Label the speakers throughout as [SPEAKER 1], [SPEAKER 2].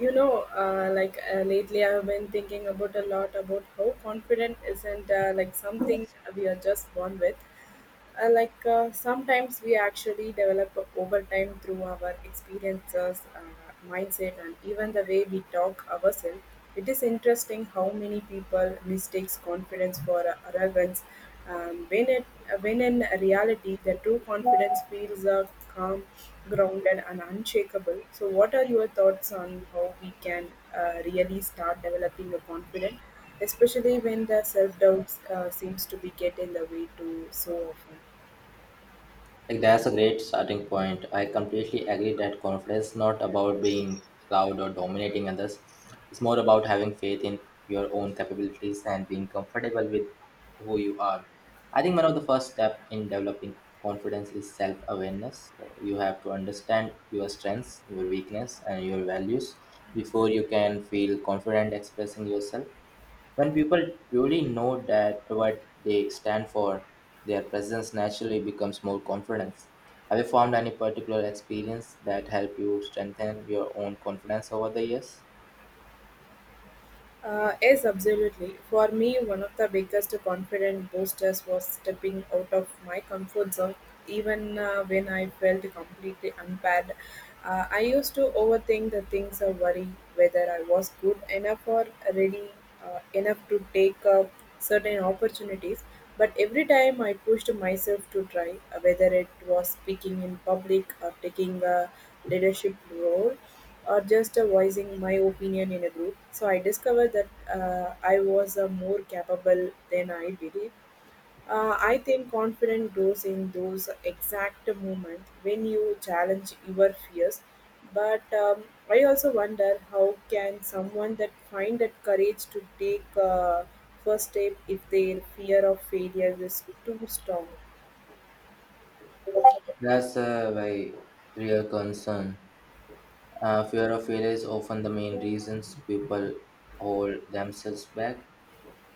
[SPEAKER 1] Lately I've been thinking about a lot about how confident isn't like something we are just born with. Sometimes we actually develop over time through our experiences, mindset, and even the way we talk ourselves. It is interesting how many people mistakes confidence for arrogance. Um, when it when in reality, the true confidence feels calm, grounded, and unshakable. So, what are your thoughts on how we can really start developing a confidence? Especially when the self-doubt seems to be get in the way too so often.
[SPEAKER 2] Like that's a great starting point. I completely agree that confidence is not about being loud or dominating others. It's more about having faith in your own capabilities and being comfortable with who you are. I think one of the first steps in developing confidence is self-awareness. You have to understand your strengths, your weakness, and your values before you can feel confident expressing yourself. When people truly know that what they stand for, their presence naturally becomes more confidence. Have you found any particular experience that helped you strengthen your own confidence over the years?
[SPEAKER 1] Yes, absolutely. For me, one of the biggest confidence boosters was stepping out of my comfort zone, even when I felt completely unprepared. I used to overthink the things or worry whether I was good enough or ready enough to take up certain opportunities. But every time I pushed myself to try, whether it was speaking in public or taking a leadership role, or just voicing my opinion in a group. So I discovered that I was more capable than I believed. I think confidence grows in those exact moments when you challenge your fears. But I also wonder how can someone that find that courage to take first step if their fear of failure is too strong.
[SPEAKER 2] That's a very real concern. Fear of failure is often the main reasons people hold themselves back.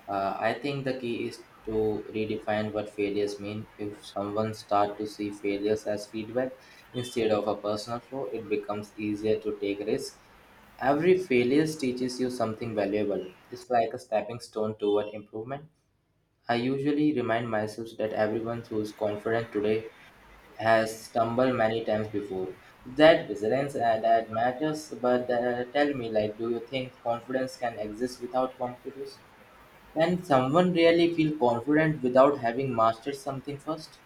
[SPEAKER 2] I think the key is to redefine what failures mean. If someone start to see failures as feedback instead of a personal flaw, it becomes easier to take risks. Every failure teaches you something valuable. It's like a stepping stone toward improvement. I usually remind myself that everyone who is confident today has stumbled many times before. That resilience that matters, but tell me, like, do you think confidence can exist without competition? Can someone really feel confident without having mastered something first?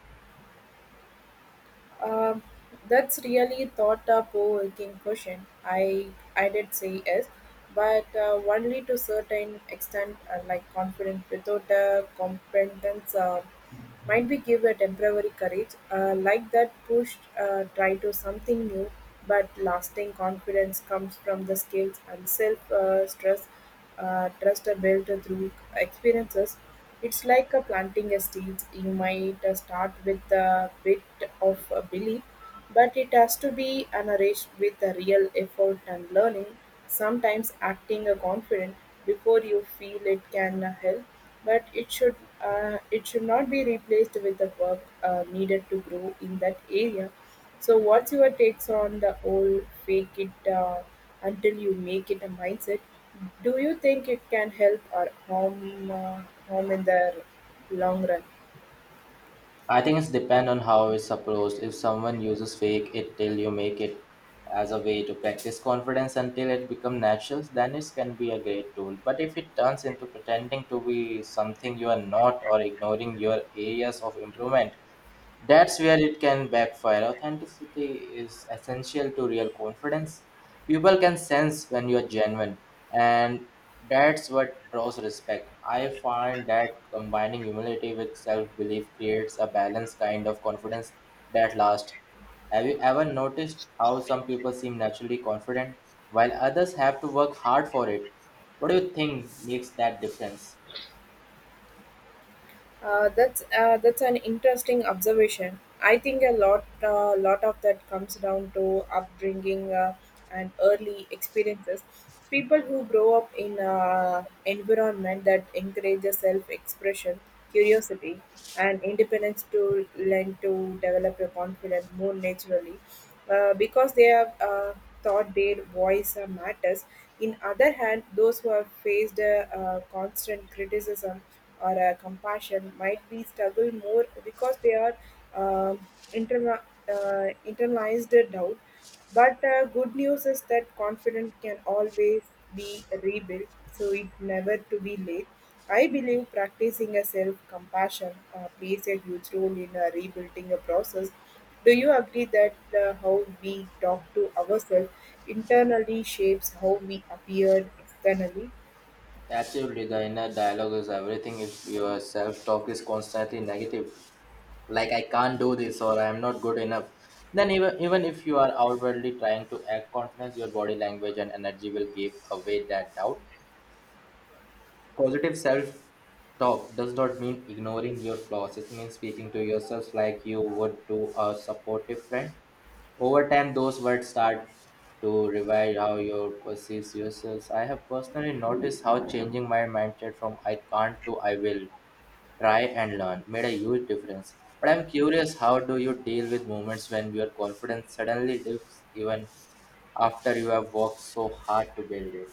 [SPEAKER 1] Um, that's really thought-provoking question. I did say yes, but only to certain extent, like confident without competence. Might be give a temporary courage like that pushed try to something new, but lasting confidence comes from the skills and self stress trust are built through experiences. It's like a planting a seeds. You might start with a bit of a belief, but it has to be an arranged with a real effort and learning. Sometimes acting a confident before you feel it can help, but it should not be replaced with the work needed to grow in that area. So, what's your takes on the whole fake it until you make it a mindset? Do you think it can help or harm harm in the long run?
[SPEAKER 2] I think it's depend on how it's approached. If someone uses fake it till you make it as a way to practice confidence until it becomes natural, then it can be a great tool. But if it turns into pretending to be something you are not or ignoring your areas of improvement, that's where it can backfire. Authenticity is essential to real confidence. People can sense when you're genuine, and that's what draws respect. I find that combining humility with self belief creates a balanced kind of confidence that lasts. Have you ever noticed how some people seem naturally confident while others have to work hard for it? What do you think makes that difference?
[SPEAKER 1] That's an interesting observation. I think a lot of that comes down to upbringing and early experiences. People who grow up in an environment that encourages self-expression, curiosity, and independence to learn to develop a confidence more naturally, because they have thought their voice matters. In other hand, those who have faced constant criticism or compassion might be struggle more because they are um interna- internalized doubt. But good news is that confidence can always be rebuilt, so it never to be late. I believe practicing a self-compassion plays a huge role in rebuilding a process. Do you agree that how we talk to ourselves internally shapes how we appear externally?
[SPEAKER 2] Absolutely, the inner dialogue is everything. If your self talk is constantly negative, like I can't do this or I am not good enough, then even if you are outwardly trying to act confidence, your body language and energy will give away that doubt. Positive self talk does not mean ignoring your flaws, it means speaking to yourself like you would to a supportive friend over time, those words start to revise how you perceive yourselves. I have personally noticed how changing my mindset from I can't to I will try and learn made a huge difference. But I'm curious, how do you deal with moments when your confidence suddenly dips even after you have worked so hard to build it?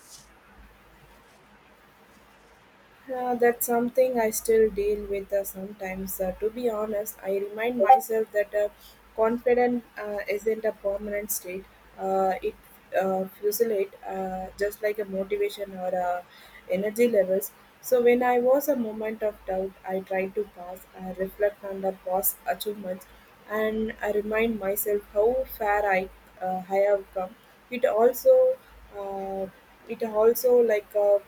[SPEAKER 1] That's something I still deal with sometimes. To be honest, I remind myself that confidence isn't a permanent state. It Fluctuates just like a motivation or energy levels. So when I was a moment of doubt, I try to pass, I reflect on the past achievements, and I remind myself how far I have come. It also uh, it also like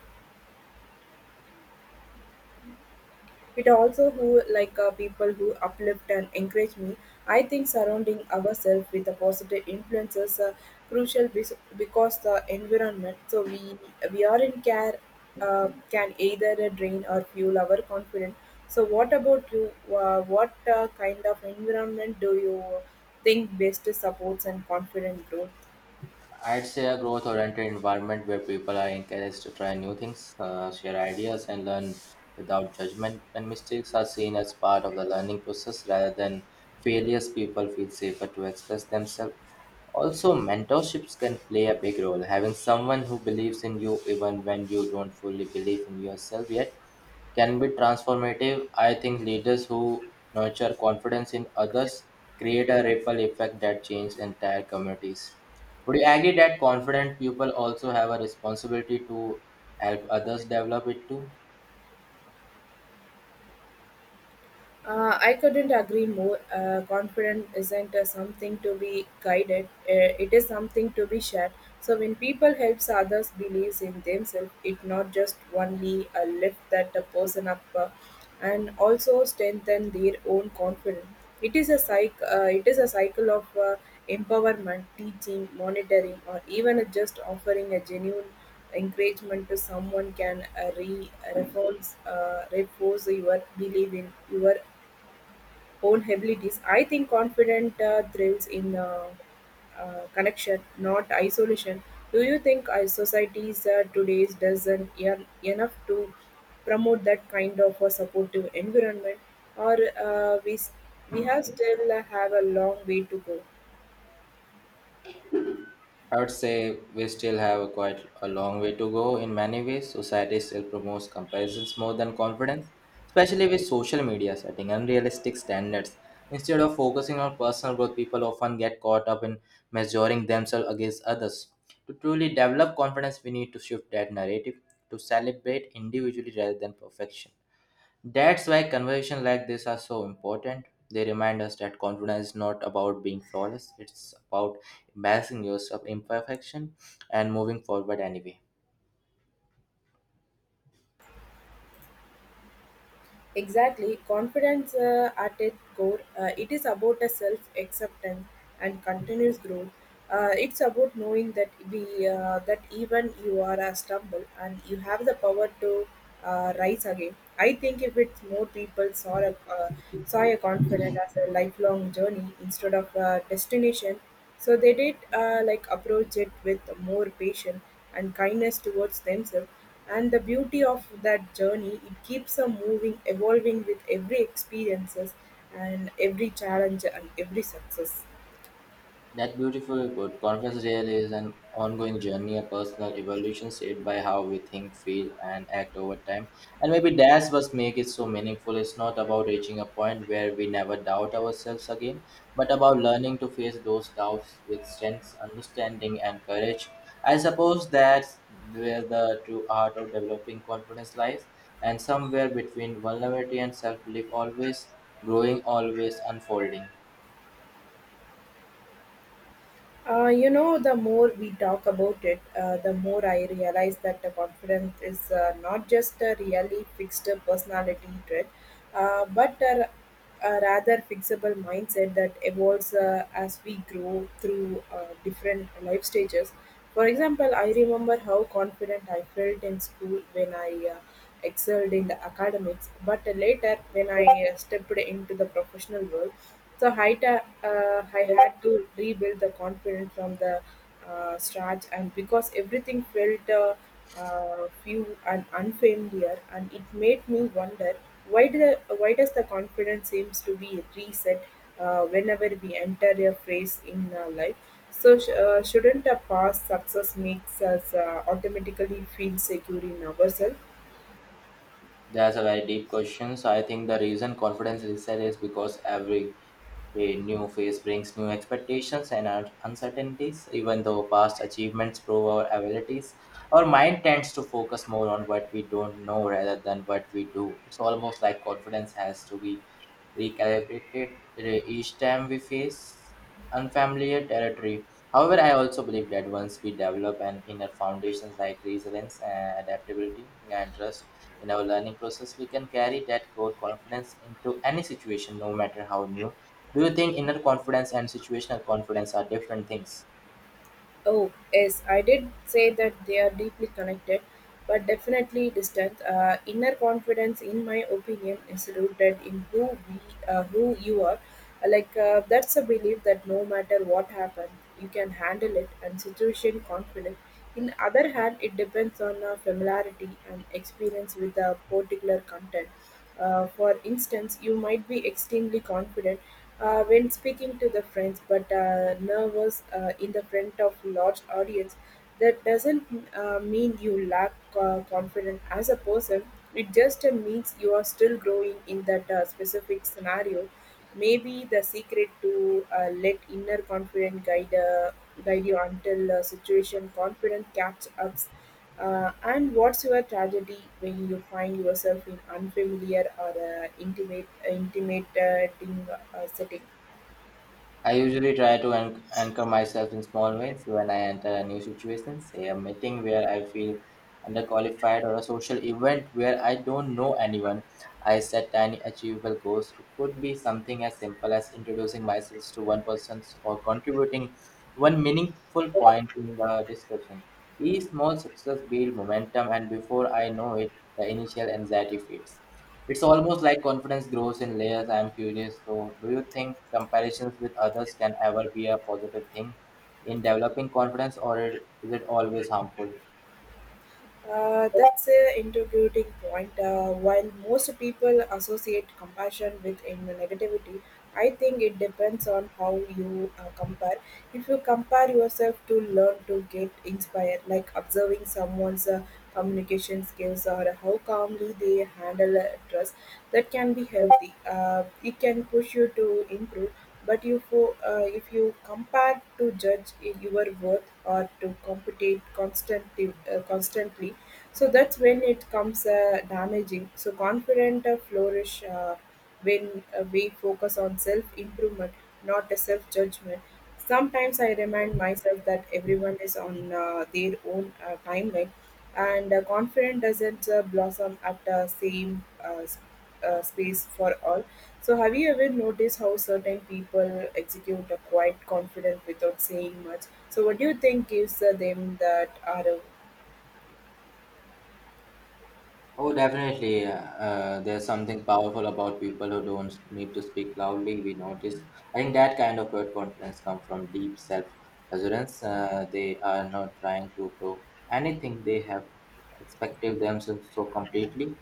[SPEAKER 1] It also who like people who uplift and encourage me. I think surrounding ourselves with the positive influences are crucial because the environment. So we are in care can either drain or fuel our confidence. So what about you? What kind of environment do you think best supports and confident growth?
[SPEAKER 2] I'd say a growth oriented environment where people are encouraged to try new things, share ideas, and learn without judgment. When mistakes are seen as part of the learning process rather than failures, people feel safer to express themselves. Also, mentorships can play a big role. Having someone who believes in you even when you don't fully believe in yourself yet can be transformative. I think leaders who nurture confidence in others create a ripple effect that changes entire communities. Would you agree that confident people also have a responsibility to help others develop it too?
[SPEAKER 1] I couldn't agree more. Confidence isn't something to be guided, it is something to be shared. So when people helps others believes in themselves, it not just only lift that a person up and also strengthen their own confidence. It is a cycle. It is a cycle of empowerment, teaching, monitoring, or even just offering a genuine encouragement to someone can re- reinforce reinforce your belief in your own abilities. I think confident thrills in connection, not isolation. Do you think our societies today doesn't enough to promote that kind of a supportive environment, or we have still have a long way to go?
[SPEAKER 2] I would say we still have a quite a long way to go in many ways. Society still promotes comparisons more than confidence, especially with social media setting unrealistic standards. Instead of focusing on personal growth, people often get caught up in measuring themselves against others. To truly develop confidence, we need to shift that narrative to celebrate individually rather than perfection. That's why conversations like this are so important. They remind us that confidence is not about being flawless, it's about embracing yourself imperfection and moving forward anyway.
[SPEAKER 1] Exactly, confidence at its core, it is about a self acceptance and continuous growth. It's about knowing that we that even you are a stumble and you have the power to rise again. I think if it's more people saw a confidence as a lifelong journey instead of a destination, so they did like approach it with more patience and kindness towards themselves. And the beauty of that journey, it keeps a moving, evolving with every experiences and every challenge and every success.
[SPEAKER 2] That beautifully put. Confess Real is an ongoing journey, a personal evolution shaped by how we think, feel, and act over time. And maybe that's what makes it so meaningful. It's not about reaching a point where we never doubt ourselves again, but about learning to face those doubts with strength, understanding, and courage. I suppose that's where the true art of developing confidence lies, and somewhere between vulnerability and self belief, always growing, always unfolding.
[SPEAKER 1] The more we talk about it, the more I realize that the confidence is not just a really fixed personality trait, but a rather fixable mindset that evolves as we grow through different life stages. For example, I remember how confident I felt in school when I excelled in the academics, but later when I stepped into the professional world, so I had to rebuild the confidence from the start, and because everything felt few and unfamiliar, and it made me wonder why do the, why does the confidence seems to be reset whenever we enter a phase in life. So, shouldn't a past success makes us automatically feel secure in ourselves?
[SPEAKER 2] That's a very deep question. So I think the reason confidence reset is because every new phase brings new expectations and uncertainties. Even though past achievements prove our abilities, our mind tends to focus more on what we don't know rather than what we do. It's almost like confidence has to be recalibrated each time we face unfamiliar territory. However, I also believe that once we develop an inner foundations like resilience, adaptability, and trust in our learning process, we can carry that core confidence into any situation, no matter how new. Do you think inner confidence and situational confidence are different things?
[SPEAKER 1] Oh, yes, I did say that they are deeply connected, but definitely distant. Inner confidence, in my opinion, is rooted in who who you are. That's a belief that no matter what happens, you can handle it, and situation confident. In other hand, it depends on familiarity and experience with a particular content. For instance, you might be extremely confident when speaking to the friends, but nervous in the front of large audience. That doesn't mean you lack confidence as a person. It just means you are still growing in that specific scenario. Maybe the secret to let inner confidence guide you until situation confidence catch ups. And what's your tragedy when you find yourself in unfamiliar or intimate setting?
[SPEAKER 2] I usually try to anchor myself in small wins when I enter a new situation, say a meeting where I feel underqualified or a social event where I don't know anyone. I set tiny achievable goals. It could be something as simple as introducing myself to one person or contributing one meaningful point in the discussion. Each small success builds momentum, and before I know it, the initial anxiety fades. It's almost like confidence grows in layers. I'm curious. So, do you think comparisons with others can ever be a positive thing in developing confidence, or is it always harmful?
[SPEAKER 1] That's an integrating point. While most people associate compassion with negativity, I think it depends on how you compare. If you compare yourself to learn to get inspired, like observing someone's communication skills or how calmly they handle stress, that can be healthy. It can push you to improve. But if you compare to judge your worth or to compete constantly, so that's when it comes damaging. So confident flourish when we focus on self improvement, not a self judgment. Sometimes I remind myself that everyone is on their own timeline, and confidence doesn't blossom at the same space for all. So, have you ever noticed how certain people execute a quiet confidence without saying much? So, what do you think gives them that arrow?
[SPEAKER 2] Oh, definitely. There's something powerful about people who don't need to speak loudly. We notice. I think that kind of quiet confidence comes from deep self-assurance. They are not trying to prove anything. They have expected themselves so completely.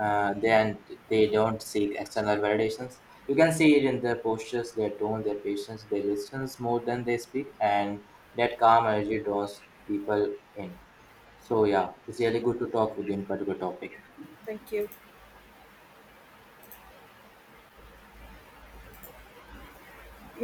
[SPEAKER 2] Then they don't seek external validations. You can see it in their postures, their tone, their patience. They listen more than they speak, and that calm energy draws people in. So yeah, it's really good to talk with you in particular topic.
[SPEAKER 1] Thank you.